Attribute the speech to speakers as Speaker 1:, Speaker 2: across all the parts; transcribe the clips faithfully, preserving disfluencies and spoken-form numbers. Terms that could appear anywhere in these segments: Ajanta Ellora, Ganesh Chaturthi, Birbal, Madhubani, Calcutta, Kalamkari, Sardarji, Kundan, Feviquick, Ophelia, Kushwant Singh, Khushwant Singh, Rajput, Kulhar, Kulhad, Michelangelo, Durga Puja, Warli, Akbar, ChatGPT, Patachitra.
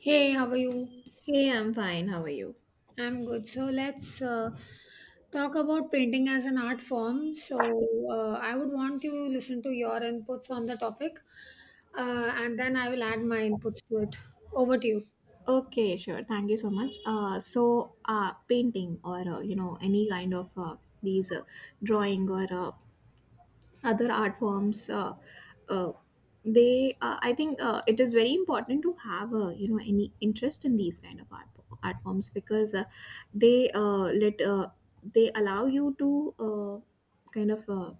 Speaker 1: Hey, how are you?
Speaker 2: Hey, I'm fine. How are you?
Speaker 1: I'm good. So let's uh, talk about painting as an art form. So uh, I would want you to listen to your inputs on the topic, uh, and then I will add my inputs to it. Over to you.
Speaker 2: Okay, sure. Thank you so much. Uh, so, uh, painting or uh, you know any kind of uh, these uh, drawing or uh, other art forms uh, uh, they uh, I think uh, it is very important to have uh, you know any interest in these kind of art, art forms because uh, they uh, let uh, they allow you to uh, kind of uh,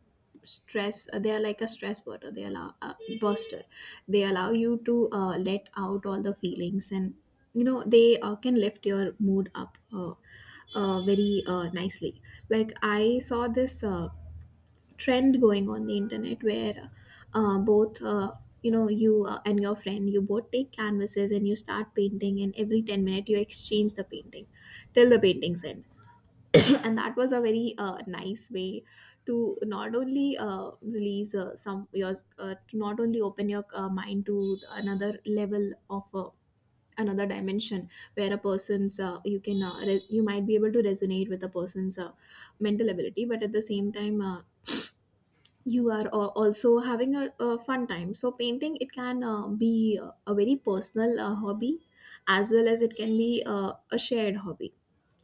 Speaker 2: stress uh, they are like a stress buster they allow uh, buster They allow you to uh, let out all the feelings, and you know they uh, can lift your mood up uh, uh, very uh, nicely. Like, I saw this uh, trend going on the internet where uh, both uh, you know you uh, and your friend, you both take canvases and you start painting, and every ten minutes you exchange the painting till the painting's end. And that was a very uh, nice way to not only uh, release uh, some yours uh, to not only open your uh, mind to another level of uh, another dimension, where a person's uh, you can uh, re- you might be able to resonate with a person's uh, mental ability, but at the same time uh, you are uh, also having a, a fun time. So painting, it can uh, be uh, a very personal uh, hobby, as well as it can be uh, a shared hobby.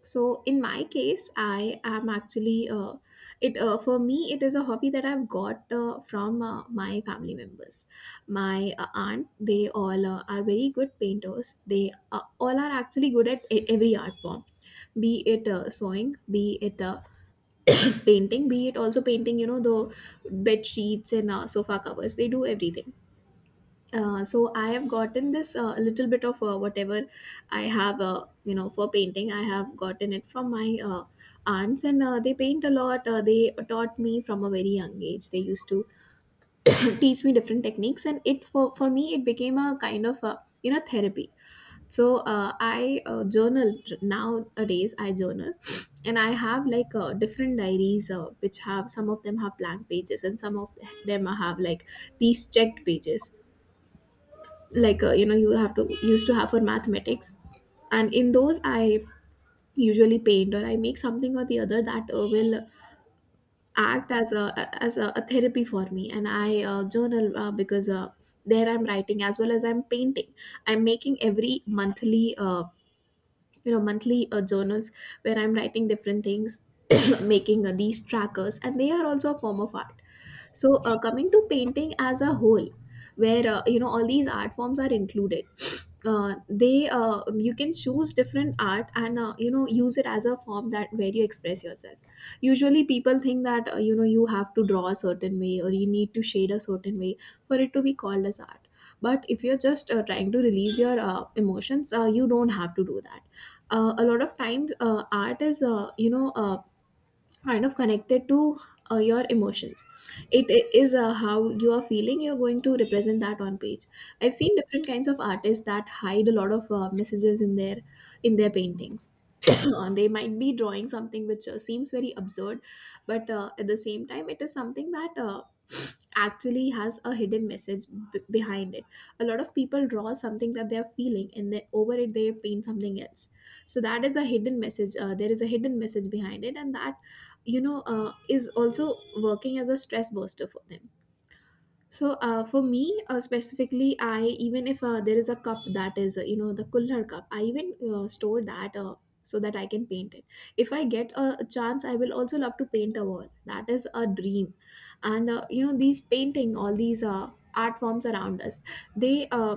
Speaker 2: So in my case, I am actually uh, it uh, for me, it is a hobby that I've got uh, from uh, my family members. My uh, aunt, they all uh, are very good painters. They uh, all are actually good at e- every art form, be it uh, sewing, be it uh, painting, be it also painting, you know, the bed sheets and uh, sofa covers, they do everything. Uh, so I have gotten this uh, little bit of uh, whatever I have uh, you know, for painting, I have gotten it from my uh, aunts, and uh, they paint a lot. Uh, they taught me from a very young age. They used to teach me different techniques, and it for, for me, it became a kind of a, you know, therapy. So uh, i uh, journal. Nowadays I journal, and I have like uh, different diaries uh, which have some of them have blank pages, and some of them have like these checked pages, like uh, you know, you have to used to have for mathematics. And in those I usually paint, or I make something or the other that uh, will act as a as a, a therapy for me. And I uh, journal uh, because uh, there I'm writing as well as I'm painting. I'm making every monthly uh, you know, monthly uh, journals where I'm writing different things, making uh, these trackers, and they are also a form of art. So uh, coming to painting as a whole, where uh, you know, all these art forms are included, uh, they uh, you can choose different art and uh, you know, use it as a form that where you express yourself. Usually people think that uh, you know, you have to draw a certain way, or you need to shade a certain way for it to be called as art. But if you're just uh, trying to release your uh, emotions, uh, you don't have to do that. Uh, a lot of times, uh, art is uh, you know uh, kind of connected to uh, your emotions. It i- is, uh, how you are feeling, you're going to represent that on page. I've seen different kinds of artists that hide a lot of uh, messages in their in their paintings. Uh, they might be drawing something which uh, seems very absurd, but uh, at the same time, it is something that uh, actually has a hidden message b- behind it. A lot of people draw something that they are feeling, and then over it they paint something else. So that is a hidden message. Uh, there is a hidden message behind it, and that, you know, uh, is also working as a stress buster for them. So uh, for me, uh, specifically, I, even if uh, there is a cup that is, uh, you know, the Kulhar cup, I even uh, store that uh, so that I can paint it. If I get a chance, I will also love to paint a wall. That is a dream, and uh, you know, these painting, all these uh, art forms around us, they uh,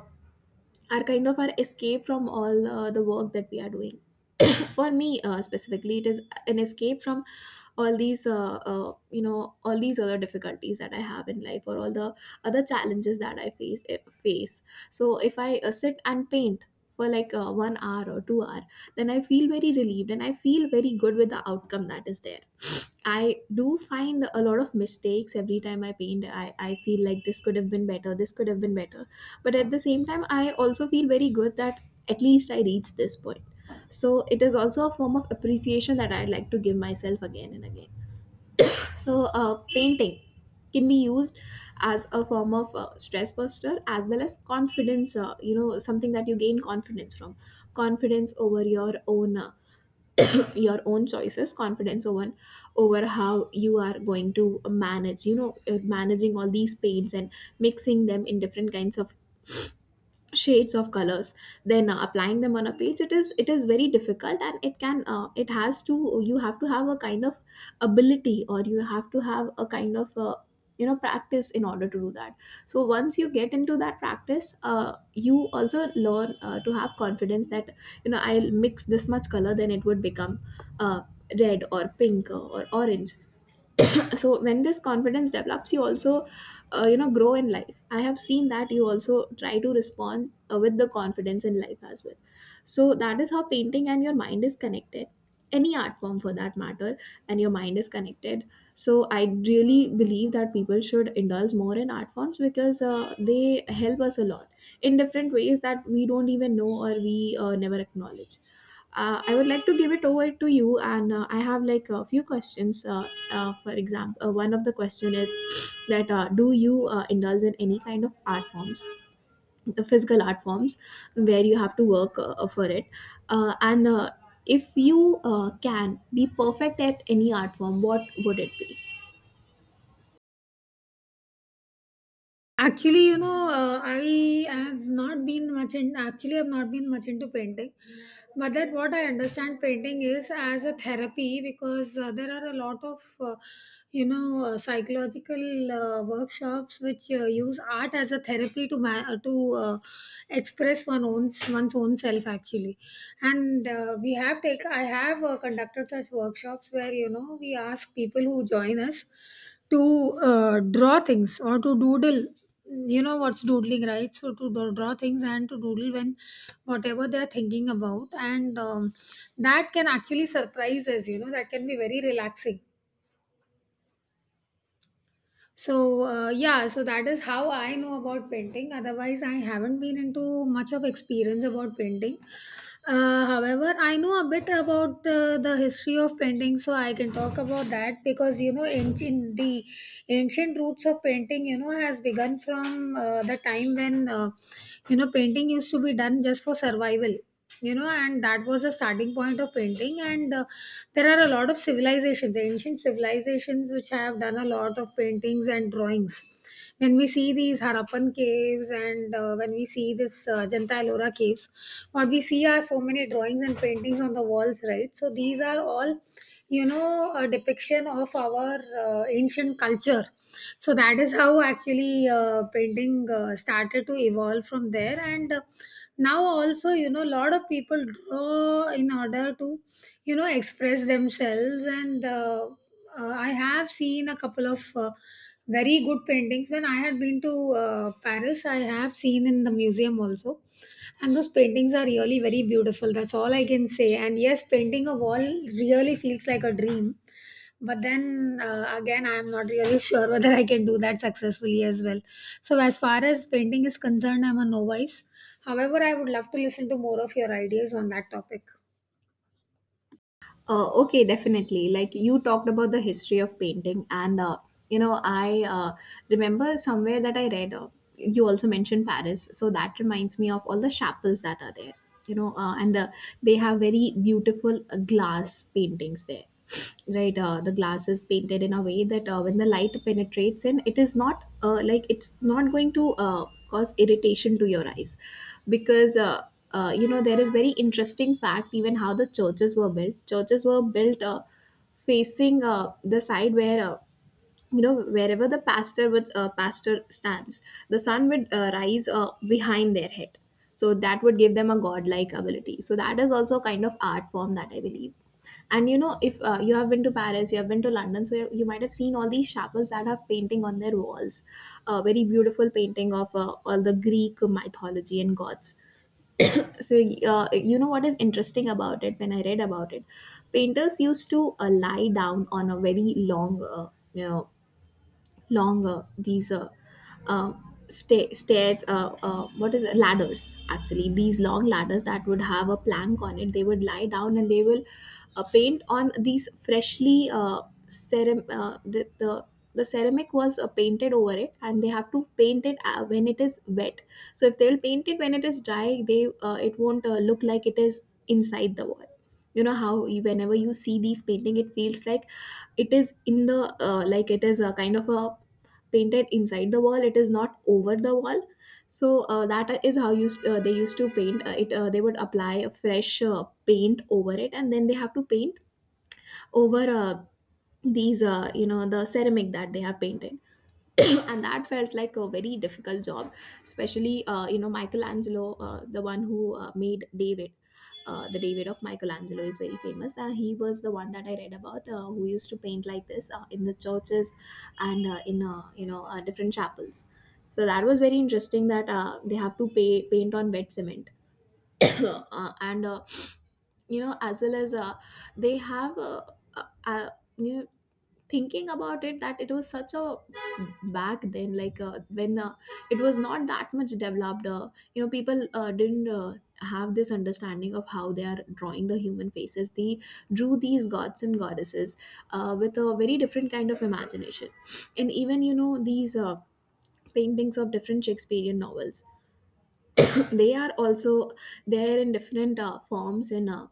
Speaker 2: are kind of our escape from all uh, the work that we are doing. For me, uh, specifically, it is an escape from all these uh, uh, you know, all these other difficulties that I have in life, or all the other challenges that I face eh, face. So if I uh, sit and paint for like uh, one hour or two hour, then I feel very relieved, and I feel very good with the outcome that is there. I do find a lot of mistakes every time I paint. i, I feel like this could have been better this could have been better, but at the same time, I also feel very good that at least I reached this point. So it is also a form of appreciation that I'd like to give myself again and again. So, uh, painting can be used as a form of uh, stress buster, as well as confidence. Uh, you know, something that you gain confidence from, confidence over your own uh, your own choices, confidence over over how you are going to manage. You know, uh, managing all these paints and mixing them in different kinds of shades of colors, then uh, applying them on a page. It is it is very difficult, and it can, uh, it has to you have to have a kind of ability, or you have to have a kind of uh, you know, practice in order to do that. So once you get into that practice, uh, you also learn uh, to have confidence that, you know, I'll mix this much color, then it would become uh, red or pink or orange. So when this confidence develops, you also uh, you know, grow in life. I have seen that you also try to respond uh, with the confidence in life as well. So that is how painting and your mind is connected. Any art form for that matter and your mind is connected. So I really believe that people should indulge more in art forms, because uh, they help us a lot in different ways that we don't even know, or we uh, never acknowledge. Uh, I would like to give it over to you, and uh, I have like a few questions. Uh, uh, for example, uh, one of the question is that uh, do you uh, indulge in any kind of art forms, the physical art forms, where you have to work uh, uh, for it, uh, and uh, if you uh, can be perfect at any art form, what would it be?
Speaker 1: Actually, you know, uh, I have not been much in. Actually, I've not been much into painting, but that what I understand painting is as a therapy because uh, there are a lot of, uh, you know, uh, psychological uh, workshops which uh, use art as a therapy to ma- uh, to uh, express one own one's own self actually, and uh, we have take I have uh, conducted such workshops where you know we ask people who join us to, uh, draw things or to doodle. You know what's doodling, right? So to do- draw things and to doodle when whatever they're thinking about, and um, that can actually surprise us. You know that can be very relaxing. So uh, yeah, so that is how I know about painting. Otherwise, I haven't been into much of experience about painting. Uh, however, I know a bit about uh, the history of painting, so I can talk about that because you know, ancient the ancient roots of painting, you know, has begun from uh, the time when uh, you know painting used to be done just for survival, you know, and that was the starting point of painting. And uh, there are a lot of civilizations ancient civilizations which have done a lot of paintings and drawings. When we see these Harappan caves, and uh, when we see this uh, Ajanta Ellora caves, what we see are so many drawings and paintings on the walls, right? So these are all, you know, a depiction of our uh, ancient culture. So that is how actually uh, painting uh, started to evolve from there. And uh, now also, you know, a lot of people draw in order to, you know, express themselves. And uh, uh, I have seen a couple of uh, very good paintings when I had been to uh, Paris. I have seen in the museum also, and those paintings are really very beautiful. That's all I can say. And yes, painting a wall really feels like a dream, but then uh, again, I am not really sure whether I can do that successfully as well. So as far as painting is concerned, I'm a novice. However, I would love to listen to more of your ideas on that topic.
Speaker 2: Uh, okay, definitely. Like you talked about the history of painting, and uh, you know, I uh, remember somewhere that I read. Uh, you also mentioned Paris, so that reminds me of all the chapels that are there. You know, uh, and the, they have very beautiful uh, glass paintings there, right? Uh, the glass is painted in a way that uh, when the light penetrates in, it is not uh, like, it's not going to uh, cause irritation to your eyes, because. Uh, uh, you know, there is very interesting fact even how the churches were built, churches were built uh, facing uh, the side where uh, you know wherever the pastor would uh, pastor stands, the sun would uh, rise uh, behind their head, so that would give them a godlike ability. So that is also a kind of art form that I believe. And you know if uh, you have been to Paris, you have been to London, so you, you might have seen all these chapels that have painting on their walls, a very beautiful painting of uh, all the Greek mythology and gods. So uh, you know what is interesting about it, when I read about it, painters used to uh, lie down on a very long uh, you know, longer these uh, uh, sta- stairs. Uh, uh, what is it? Ladders. Actually, these long ladders that would have a plank on it. They would lie down and they will uh, paint on these freshly uh, ceram- uh, the, the the ceramic was uh, painted over it, and they have to paint it uh, when it is wet. So if they will paint it when it is dry, they uh, it won't uh, look like it is inside the wall. You know how you, whenever you see these painting, it feels like it is in the uh, like it is a kind of a painted inside the wall, it is not over the wall. So uh, that is how used uh, they used to paint uh, it uh, They would apply a fresh uh, paint over it, and then they have to paint over uh, these uh, you know the ceramic that they have painted. And that felt like a very difficult job. Especially uh, you know Michelangelo, uh, the one who uh, made David. Uh, the David of Michelangelo is very famous. Uh, he was the one that I read about, uh, who used to paint like this uh, in the churches and uh, in uh, you know uh, different chapels. So that was very interesting, that uh, they have to pay, paint on wet cement. uh, and uh, you know as well as uh, they have uh, uh, uh, you know thinking about it, that it was such a back then, like uh, when uh, it was not that much developed. Uh, you know people uh, didn't uh, have this understanding of how they are drawing the human faces. They drew these gods and goddesses uh, with a very different kind of imagination. And even you know these uh, paintings of different Shakespearean novels, they are also there in different uh, forms and uh,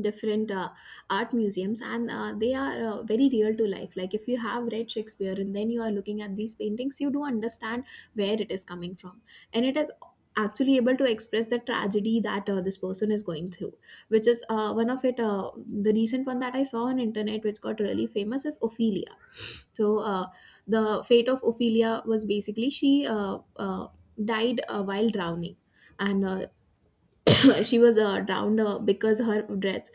Speaker 2: different uh, art museums, and uh, they are uh, very real to life. Like if you have read Shakespeare and then you are looking at these paintings, you do understand where it is coming from, and it is actually able to express the tragedy that uh, this person is going through. Which is uh, one of it uh, the recent one that I saw on internet, which got really famous, is Ophelia. So uh, the fate of Ophelia was basically, she uh, uh, died uh, while drowning. And uh, She was uh, drowned uh, because her dress,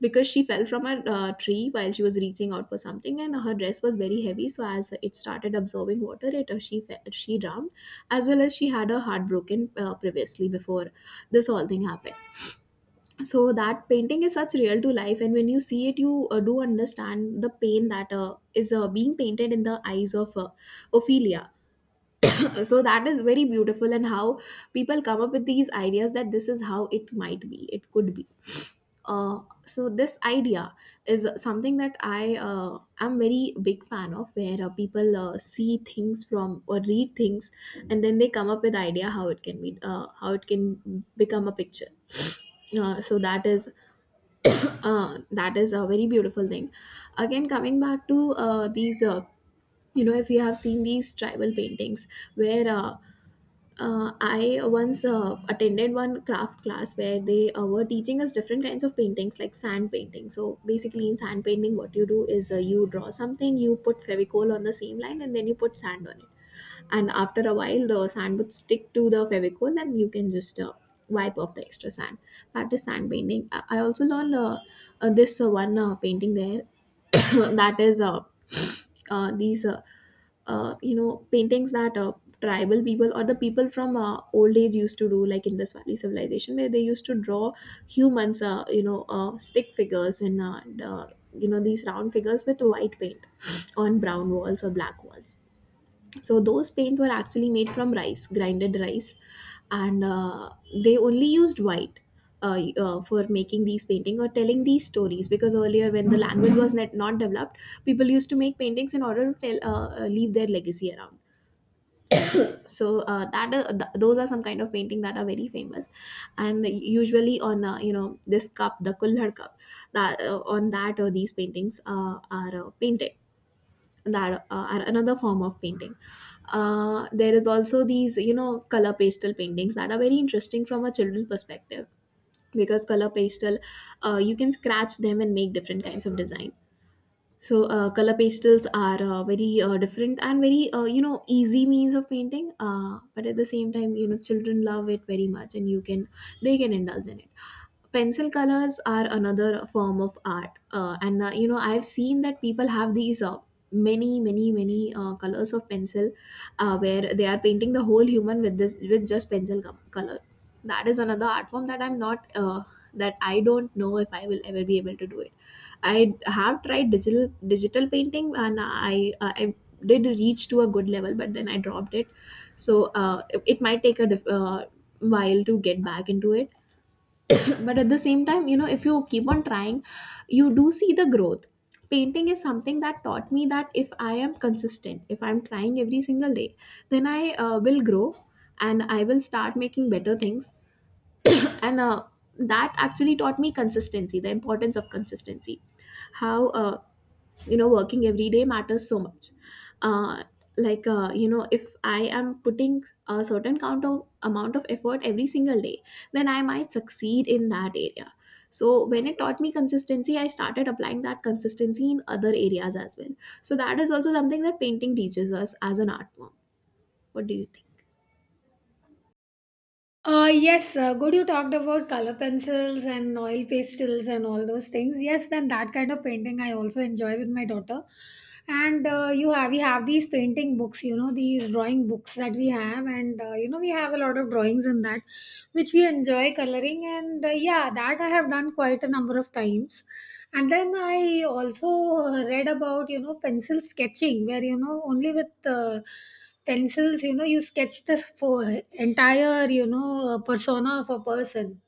Speaker 2: because she fell from a uh, tree while she was reaching out for something, and her dress was very heavy, so as it started absorbing water, it uh, she fe- she drowned. As well as, she had her heart broken uh, previously before this whole thing happened. So that painting is such real to life, and when you see it, you uh, do understand the pain that uh, is uh, being painted in the eyes of uh, Ophelia. So that is very beautiful, and how people come up with these ideas that this is how it might be, it could be. uh, so this idea is something that I uh, am very big fan of, where uh, people uh, see things from or read things, and then they come up with idea how it can be, uh, how it can become a picture. Uh, so that is uh, that is a very beautiful thing. Again, coming back to uh, these. Uh, you know, If you have seen these tribal paintings, where uh, uh, I once uh, attended one craft class where they uh, were teaching us different kinds of paintings, like sand painting. So basically, in sand painting, what you do is, uh, you draw something, you put fevicol on the same line, and then you put sand on it, and after a while the sand would stick to the fevicol, and you can just uh, wipe off the extra sand. That is sand painting. i, I also learned uh, uh, this uh, one uh, painting there. That is uh, uh, these uh, uh, you know paintings that uh, tribal people or the people from uh, old age used to do, like in this valley civilization where they used to draw humans, uh, you know uh, stick figures, and uh, and, uh, you know these round figures with white paint on brown walls or black walls. So those paint were actually made from rice, grinded rice. And uh, They only used white uh, uh, for making these painting, or telling these stories, because earlier when the language was net not developed, people used to make paintings in order to tell, uh, uh, leave their legacy around. So uh, that uh, th- those are some kind of painting that are very famous, and usually on uh, you know this cup, the kulhad cup, that uh, on that uh, these paintings uh, are uh, painted, that uh, are another form of painting. Uh, there is also these, you know, color pastel paintings that are very interesting from a children's perspective, because color pastel, uh, you can scratch them and make different kinds of design. So uh, color pastels are uh, very uh, different and very, uh, you know, easy means of painting, uh, but at the same time, you know, children love it very much, and you can they can indulge in it. Pencil colors are another form of art, uh, and uh, you know, I've seen that people have these uh, many many many uh, colors of pencil, uh, where they are painting the whole human with this with just pencil com- color. That is another art form that I'm not uh, that I don't know if I will ever be able to do it. I have tried digital digital painting, and i uh, I did reach to a good level, but then I dropped it. So uh, it, it might take a diff- uh, while to get back into it. But at the same time, you know, if you keep on trying, you do see the growth. Painting is something that taught me that if I am consistent, if I'm trying every single day, then i uh, will grow, and I will start making better things. And uh, That actually taught me consistency, the importance of consistency, how, uh, you know working every day matters so much. uh, like uh, you know if I am putting a certain count of amount of effort every single day, then I might succeed in that area. So when it taught me consistency, I started applying that consistency in other areas as well. So that is also something that painting teaches us as an art form. What do you think?
Speaker 1: Uh, yes, uh, good. You talked about color pencils and oil pastels and all those things. Yes, then that kind of painting I also enjoy with my daughter. And uh, you have we have these painting books, you know, these drawing books that we have, and uh, you know we have a lot of drawings in that, which we enjoy coloring. And uh, yeah, that I have done quite a number of times. And then I also read about, you know, pencil sketching, where, you know, only with uh, pencils, you know, you sketch this for entire, you know, uh, persona of a person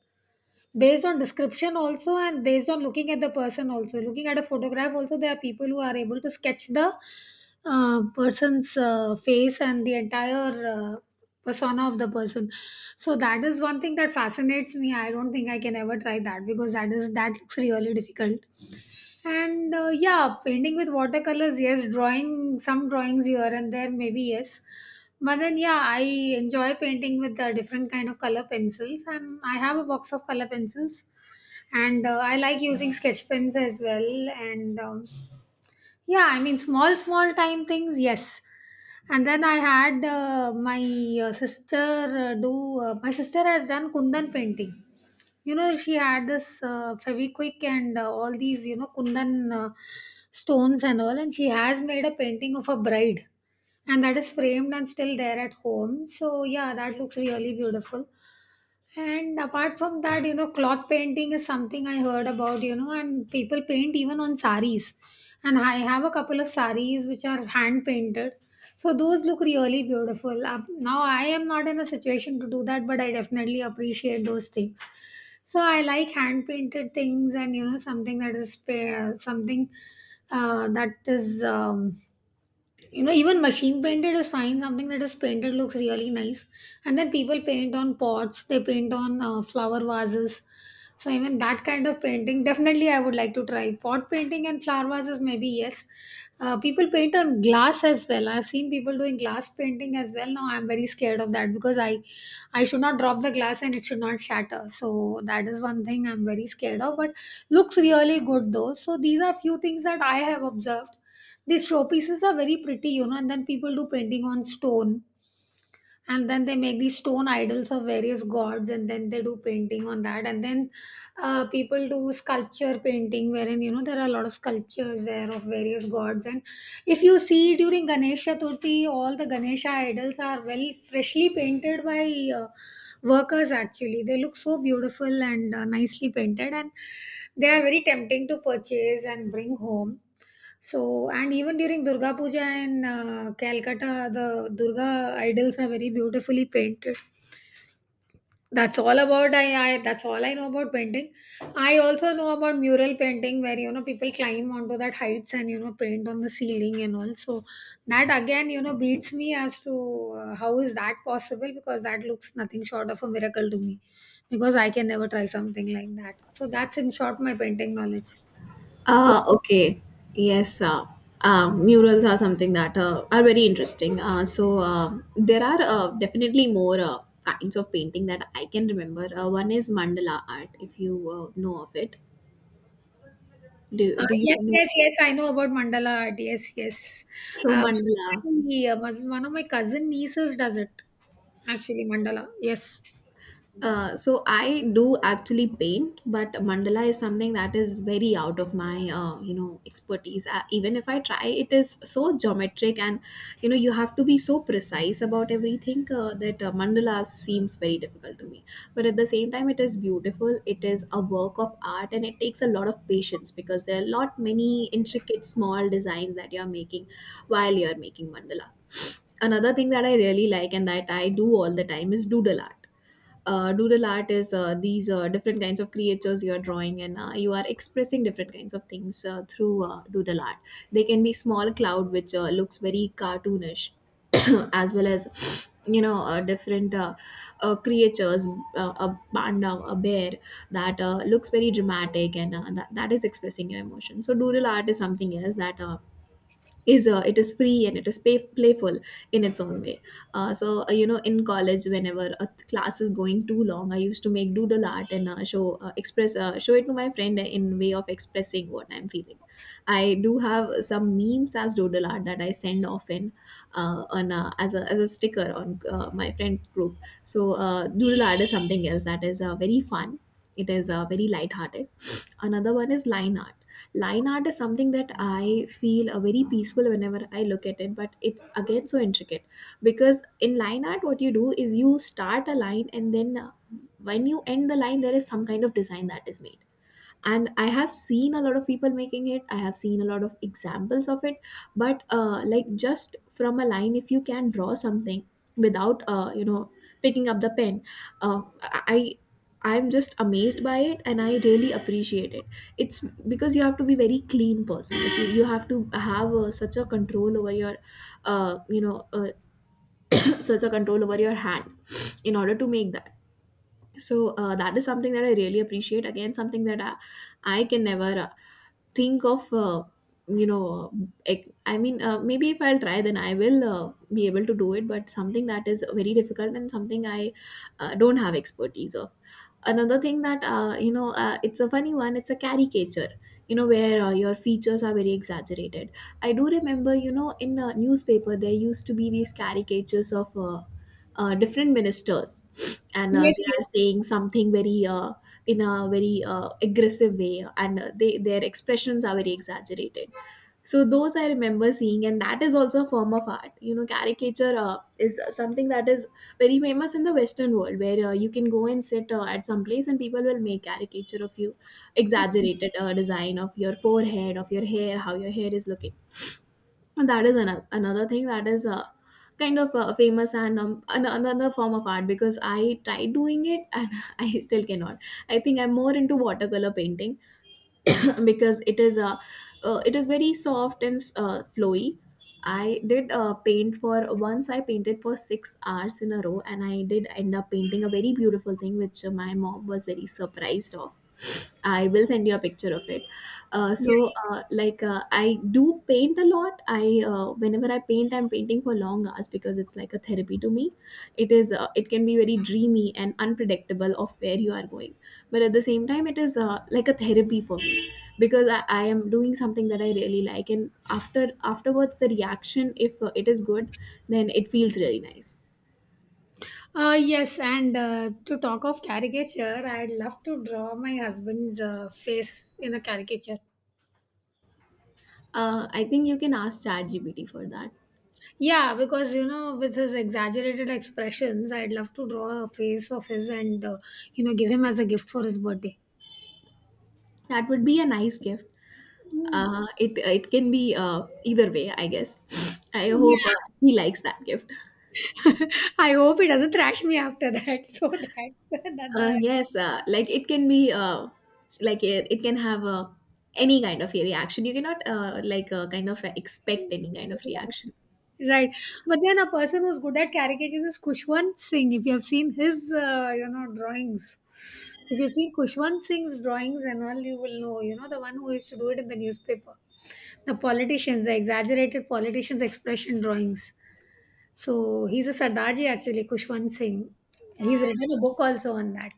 Speaker 1: based on description also and based on looking at the person also. Looking at a photograph also, there are people who are able to sketch the uh, person's uh, face and the entire uh, persona of the person. So that is one thing that fascinates me. I don't think I can ever try that because that is that looks really difficult. And uh, yeah, painting with watercolors, yes, drawing some drawings here and there, maybe yes. But then yeah, I enjoy painting with the different kind of color pencils, and I have a box of color pencils, and uh, I like using sketch pens as well. And um, yeah, I mean small, small time things, yes. And then I had uh, my uh, sister uh, do. Uh, my sister has done kundan painting. You know, she had this uh, Feviquick and uh, all these, you know, Kundan uh, stones and all, and she has made a painting of a bride, and that is framed and still there at home. So, yeah, that looks really beautiful. And apart from that, you know, cloth painting is something I heard about, you know, and people paint even on saris. And I have a couple of saris which are hand painted. So those look really beautiful. Uh, Now I am not in a situation to do that, but I definitely appreciate those things. So I like hand painted things and, you know, something that is pa- something uh, that is. Um, you know, even machine painted is fine. Something that is painted looks really nice. And then people paint on pots, they paint on uh, flower vases. So even that kind of painting, definitely I would like to try pot painting and flower vases, maybe yes. Uh, people paint on glass as well. I've seen people doing glass painting as well. Now I'm very scared of that because i I should not drop the glass and it should not shatter. So that is one thing I'm very scared of, but looks really good though. So these are few things that I have observed. These showpieces are very pretty, you know, and then people do painting on stone. And then they make these stone idols of various gods, and then they do painting on that. And then uh, people do sculpture painting, wherein you know there are a lot of sculptures there of various gods. And if you see during Ganesh Chaturthi, all the Ganesha idols are well freshly painted by uh, workers. Actually, they look so beautiful and uh, nicely painted, and they are very tempting to purchase and bring home. So, and even during Durga Puja in uh, Calcutta, the Durga idols are very beautifully painted. That's all about I, I. That's all I know about painting. I also know about mural painting, where you know people climb onto that heights and you know paint on the ceiling and all. So that again, you know, beats me as to uh, how is that possible because that looks nothing short of a miracle to me because I can never try something like that. So that's in short my painting knowledge.
Speaker 2: Uh, okay. Yes. Uh, uh, murals are something that uh, are very interesting. Uh, so uh, there are uh, definitely more uh, kinds of painting that I can remember. Uh, one is mandala art, if you uh, know of it.
Speaker 1: Uh,
Speaker 2: Do Do you
Speaker 1: yes, yes,
Speaker 2: know?
Speaker 1: yes. I know about mandala art. Yes, yes.
Speaker 2: Show
Speaker 1: Uh,
Speaker 2: mandala.
Speaker 1: one of my, uh, mus- one of my cousin nieces does it actually. Mandala. Yes.
Speaker 2: Uh, so I do actually paint, but mandala is something that is very out of my, uh, you know expertise. Uh, even if I try, it is so geometric, and you know you have to be so precise about everything, uh, that uh, mandala seems very difficult to me. But at the same time, it is beautiful. It is a work of art, and it takes a lot of patience, because there are a lot many intricate small designs that you are making while you are making mandala. Another thing that I really like and that I do all the time is doodle art. Uh, doodle art is uh, these uh, different kinds of creatures you are drawing, and uh, you are expressing different kinds of things uh, through uh, doodle art. They can be small cloud which uh, looks very cartoonish, as well as you know uh, different uh, uh, creatures, uh, a panda, a bear, that uh, looks very dramatic, and uh, that, that is expressing your emotion. So doodle art is something else that uh, is uh, it is free, and it is pay- playful in its own way. Uh, so uh, you know, in college, whenever a th- class is going too long, I used to make doodle art and uh, show uh, express uh, show it to my friend, in way of expressing what I'm feeling. I do have some memes as doodle art that I send often uh, on uh, as, a, as a sticker on uh, my friend group. So uh, doodle art is something else that is uh, very fun. It is uh, very light-hearted. Another one is line art. Line art is something that I feel a very peaceful whenever I look at it, but it's again so intricate, because in line art what you do is you start a line, and then uh, when you end the line, there is some kind of design that is made. And I have seen a lot of people making it, I have seen a lot of examples of it, but uh, like just from a line, if you can draw something without, uh, you know picking up the pen, uh, i I'm just amazed by it, and I really appreciate it. It's because you have to be very clean person, if you, you have to have uh, such a control over your uh, you know uh, such a control over your hand in order to make that. So uh, that is something that I really appreciate. Again, something that i, I can never uh, think of, uh, you know uh, ec- i mean uh, maybe if I'll try, then I will uh, be able to do it, but something that is very difficult and something I uh, don't have expertise of. Another thing that uh, you know uh, it's a funny one, it's a caricature, you know, where uh, your features are very exaggerated. I do remember, you know, in a newspaper there used to be these caricatures of uh, uh, different ministers, and uh,
Speaker 1: Yes,
Speaker 2: they
Speaker 1: yes.
Speaker 2: are saying something very uh, in a very uh, aggressive way, and uh, they their expressions are very exaggerated. So those I remember seeing, and that is also a form of art. You know, caricature uh, is something that is very famous in the Western world, where uh, you can go and sit uh, at some place and people will make caricature of you, exaggerated uh, design of your forehead, of your hair, how your hair is looking. And that is another another thing that is uh, kind of uh, famous, and um, an- another form of art, because I tried doing it and I still cannot. I think I'm more into watercolor painting because it is a uh, it is very soft and uh, flowy. I did uh, paint for once. I painted for six hours in a row, and I did end up painting a very beautiful thing which uh, my mom was very surprised of. I will send you a picture of it. Uh,
Speaker 1: Yeah.
Speaker 2: so, uh, like, uh, I do paint a lot. I uh, Whenever I paint, I'm painting for long hours because it's like a therapy to me. It is. Uh, it can be very dreamy and unpredictable of where you are going, but at the same time, it is uh, like a therapy for me because I, I am doing something that I really like, and after afterwards, the reaction, if uh, it is good, then it feels really nice.
Speaker 1: Uh, yes, and uh, to talk of caricature, I'd love to draw my husband's uh, face in a caricature.
Speaker 2: Uh, I think you can ask ChatGPT for that.
Speaker 1: Yeah, because you know, with his exaggerated expressions, I'd love to draw a face of his and uh, you know, give him as a gift for his birthday.
Speaker 2: That would be a nice gift.
Speaker 1: Mm.
Speaker 2: Uh, it it can be uh, either way, I guess. I hope uh,
Speaker 1: Yeah.
Speaker 2: he likes that gift.
Speaker 1: I hope he doesn't thrash me after that, so that, that
Speaker 2: Uh,
Speaker 1: the
Speaker 2: yes, uh, like it can be uh, like it, it can have uh, any kind of a reaction. You cannot uh, like uh, kind of expect any kind of reaction.
Speaker 1: Right. But then a person who's good at caricatures is Kushwant Singh. If you have seen his, uh, you know, drawings, if you've seen Kushwant Singh's drawings and all, you will know, you know, the one who used to do it in the newspaper. The politicians, the exaggerated politicians' expression drawings. So he's a Sardarji actually, Kushwant Singh. He's written a book also on that.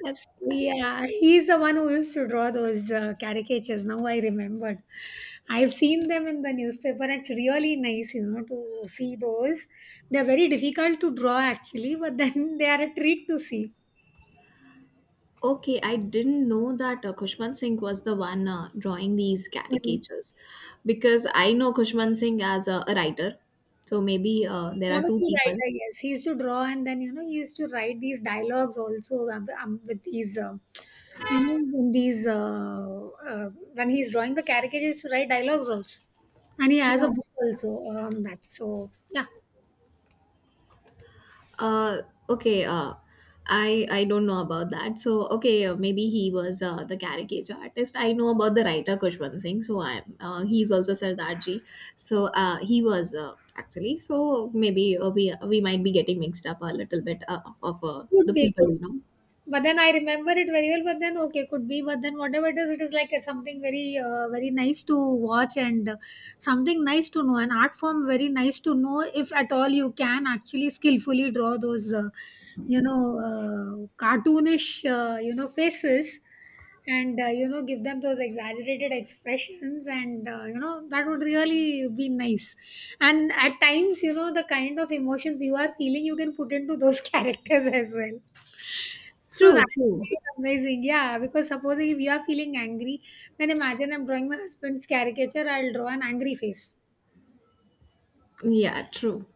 Speaker 2: Yeah.
Speaker 1: Yeah, he's the one who used to draw those uh, caricatures. Now I remembered. I've seen them in the newspaper. It's really nice, you know, to see those. They're very difficult to draw actually, but then they are a treat to see.
Speaker 2: Okay, I didn't know that uh, Khushwant Singh was the one uh, drawing these
Speaker 1: Mm.
Speaker 2: caricatures, because I know Khushwant Singh as a, a writer. So maybe uh, there are two
Speaker 1: Comical
Speaker 2: people.
Speaker 1: writer, yes, he used to draw, and then you know he used to write these dialogues also um, um, with these, uh, you know, in these uh, uh, when he's drawing the caricatures, he used to write dialogues also, and he has a
Speaker 2: No.
Speaker 1: book also on that. So yeah,
Speaker 2: Uh, okay. Uh, I I don't know about that. So okay, uh, maybe he was uh, the caricature artist. I know about the writer Kushwant Singh. So I uh, he's also Sardarji. So uh, he was uh, actually. So maybe uh, we uh, we might be getting mixed up a little bit uh, of uh,
Speaker 1: would
Speaker 2: the
Speaker 1: be
Speaker 2: people,
Speaker 1: good.
Speaker 2: you know.
Speaker 1: But then I remember it very well. But then okay, could be. But then whatever it is, it is like a, something very, uh, very nice to watch and uh, something nice to know. An art form, very nice to know if at all you can actually skillfully draw those, uh, you know, uh, cartoonish, uh, you know, faces, and uh, you know, give them those exaggerated expressions, and uh, you know, that would really be nice. And at times, you know, the kind of emotions you are feeling, you can put into those characters as well, so that
Speaker 2: True. True.
Speaker 1: is amazing. Yeah, because supposing if you are feeling angry, then imagine I'm drawing my husband's caricature, I'll draw an angry face.
Speaker 2: Yeah. True.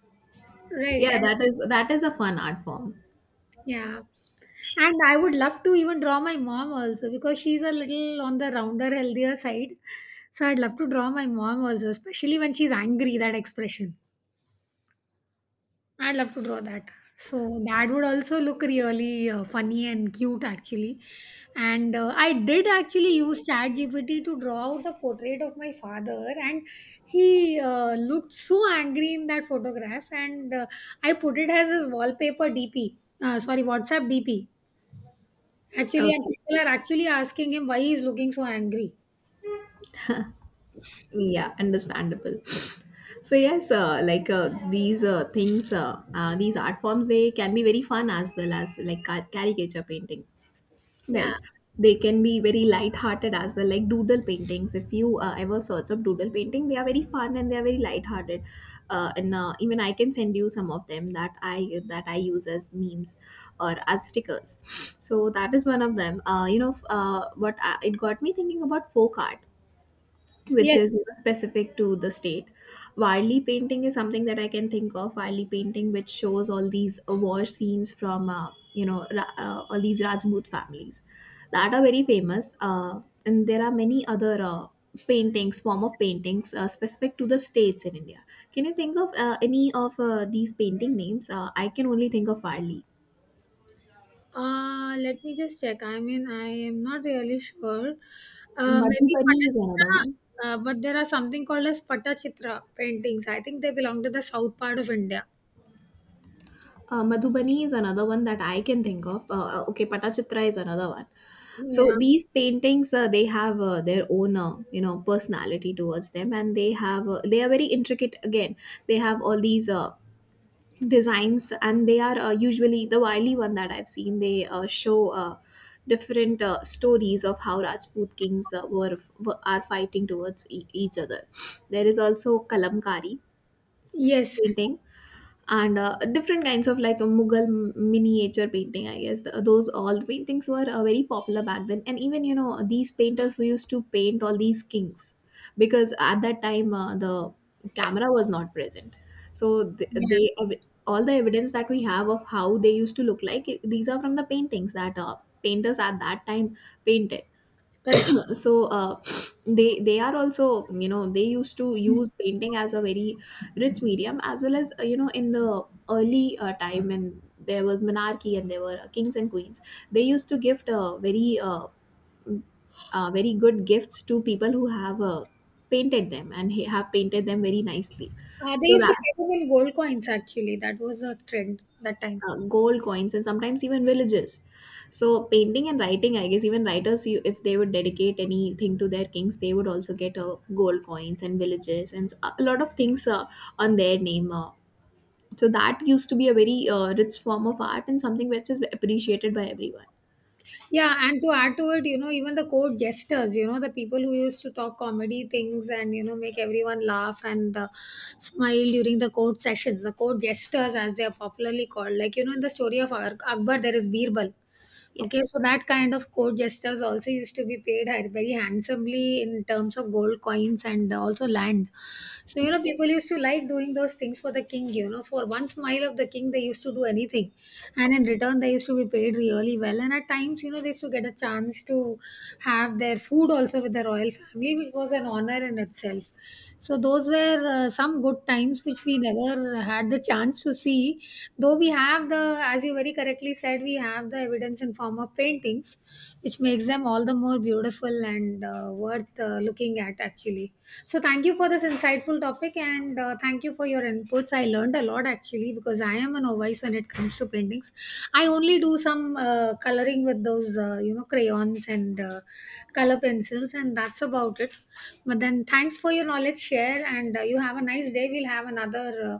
Speaker 1: Right.
Speaker 2: Yeah.
Speaker 1: And
Speaker 2: That is that is a fun art form.
Speaker 1: yeah. And I would love to even draw my mom also because she's a little on the rounder, healthier side. So I'd love to draw my mom also, especially when she's angry, that expression. I would love to draw that. So that would also look really uh, funny and cute, actually. And uh, I did actually use ChatGPT to draw out a portrait of my father, and he uh, looked so angry in that photograph. And uh, I put it as his wallpaper D P. Uh, sorry, WhatsApp D P. Actually, and
Speaker 2: Okay.
Speaker 1: people are actually asking him why he's looking so angry.
Speaker 2: Yeah, understandable. So yes, uh, like uh, these uh, things, uh, uh, these art forms, they can be very fun as well, as like car- caricature painting, right? They can be very light-hearted as well, like doodle paintings. If you uh, ever search up doodle painting, they are very fun and they are very light-hearted. Uh, and uh, Even I can send you some of them that I that I use as memes or as stickers. So that is one of them. Uh, you know, f- uh, what I, it got me thinking about folk art, which
Speaker 1: Yes.
Speaker 2: is, you know, specific to the state. Warli painting is something that I can think of. Warli painting, which shows all these uh, war scenes from uh, you know ra- uh, all these Rajput families that are very famous. Uh, and there are many other uh, paintings, form of paintings uh, specific to the states in India. Can you think of uh, any of uh, these painting names? Uh, I can only think of Warli.
Speaker 1: Uh, let me just check. I mean, I am not really sure. Uh, maybe
Speaker 2: Madhubani is another
Speaker 1: Patachitra,
Speaker 2: one.
Speaker 1: uh, but there are something called as Patachitra paintings. I think they belong to the south part of India.
Speaker 2: Uh, Madhubani is another one that I can think of. Uh, okay, Patachitra is another one. So
Speaker 1: Yeah.
Speaker 2: these paintings, uh, they have uh, their own, uh, you know, personality towards them, and they have uh, they are very intricate. Again, they have all these uh, designs, and they are uh, usually the Wiley one that I've seen. They uh, show uh, different uh, stories of how Rajput kings uh, were, were are fighting towards e- each other. There is also Kalamkari
Speaker 1: Yes.
Speaker 2: painting, and uh, different kinds of, like, a Mughal m- miniature painting, I guess. Th- those all the paintings were uh, very popular back then, and even, you know, these painters who used to paint all these kings, because at that time uh, the camera was not present, so th-
Speaker 1: Yeah.
Speaker 2: they ev- all the evidence that we have of how they used to look like, i- these are from the paintings that uh, painters at that time painted.
Speaker 1: Correct.
Speaker 2: So uh, they they are also, you know, they used to use painting as a very rich medium, as well as uh, you know, in the early uh, time when there was monarchy and there were uh, kings and queens, they used to gift uh, very uh, mm, uh, very good gifts to people who have uh, painted them and he- have painted them very nicely.
Speaker 1: Uh, they
Speaker 2: So
Speaker 1: used to
Speaker 2: that
Speaker 1: pay them in gold coins actually. That was a trend that time.
Speaker 2: uh, gold coins and sometimes even villages. So painting and writing, I guess, even writers, you, if they would dedicate anything to their kings, they would also get uh, gold coins and villages and s- a lot of things uh, on their name. Uh, so that used to be a very uh, rich form of art, and something which is appreciated by everyone.
Speaker 1: Yeah, and to add to it, you know, even the court jesters, you know, the people who used to talk comedy things and, you know, make everyone laugh and uh, smile during the court sessions, the court jesters, as they are popularly called. Like, you know, in the story of Ak- Akbar, there is Birbal. Okay,
Speaker 2: Yes.
Speaker 1: so that kind of court gestures also used to be paid ha- very handsomely in terms of gold coins and also land. So, you know, people used to like doing those things for the king, you know, for one smile of the king, they used to do anything. And in return, they used to be paid really well. And at times, you know, they used to get a chance to have their food also with the royal family, which was an honor in itself. So those were uh, some good times which we never had the chance to see. Though we have the, as you very correctly said, we have the evidence in form of paintings, which makes them all the more beautiful and uh, worth uh, looking at actually. So thank you for this insightful topic and uh, thank you for your inputs. I learned a lot actually because I am a novice when it comes to paintings. I only do some uh, coloring with those uh, you know crayons and uh, color pencils and that's about it. But then, thanks for your knowledge share, and uh, you have a nice day. We'll have another uh,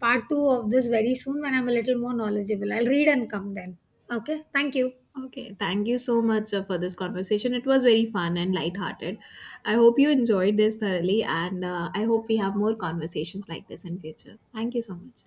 Speaker 1: part two of this very soon when I'm a little more knowledgeable. I'll read and come then. Okay, thank you.
Speaker 2: Okay, thank you so much uh, for this conversation. It was very fun and light-hearted. I hope you enjoyed this thoroughly, and uh, I hope we have more conversations like this in future. Thank you so much.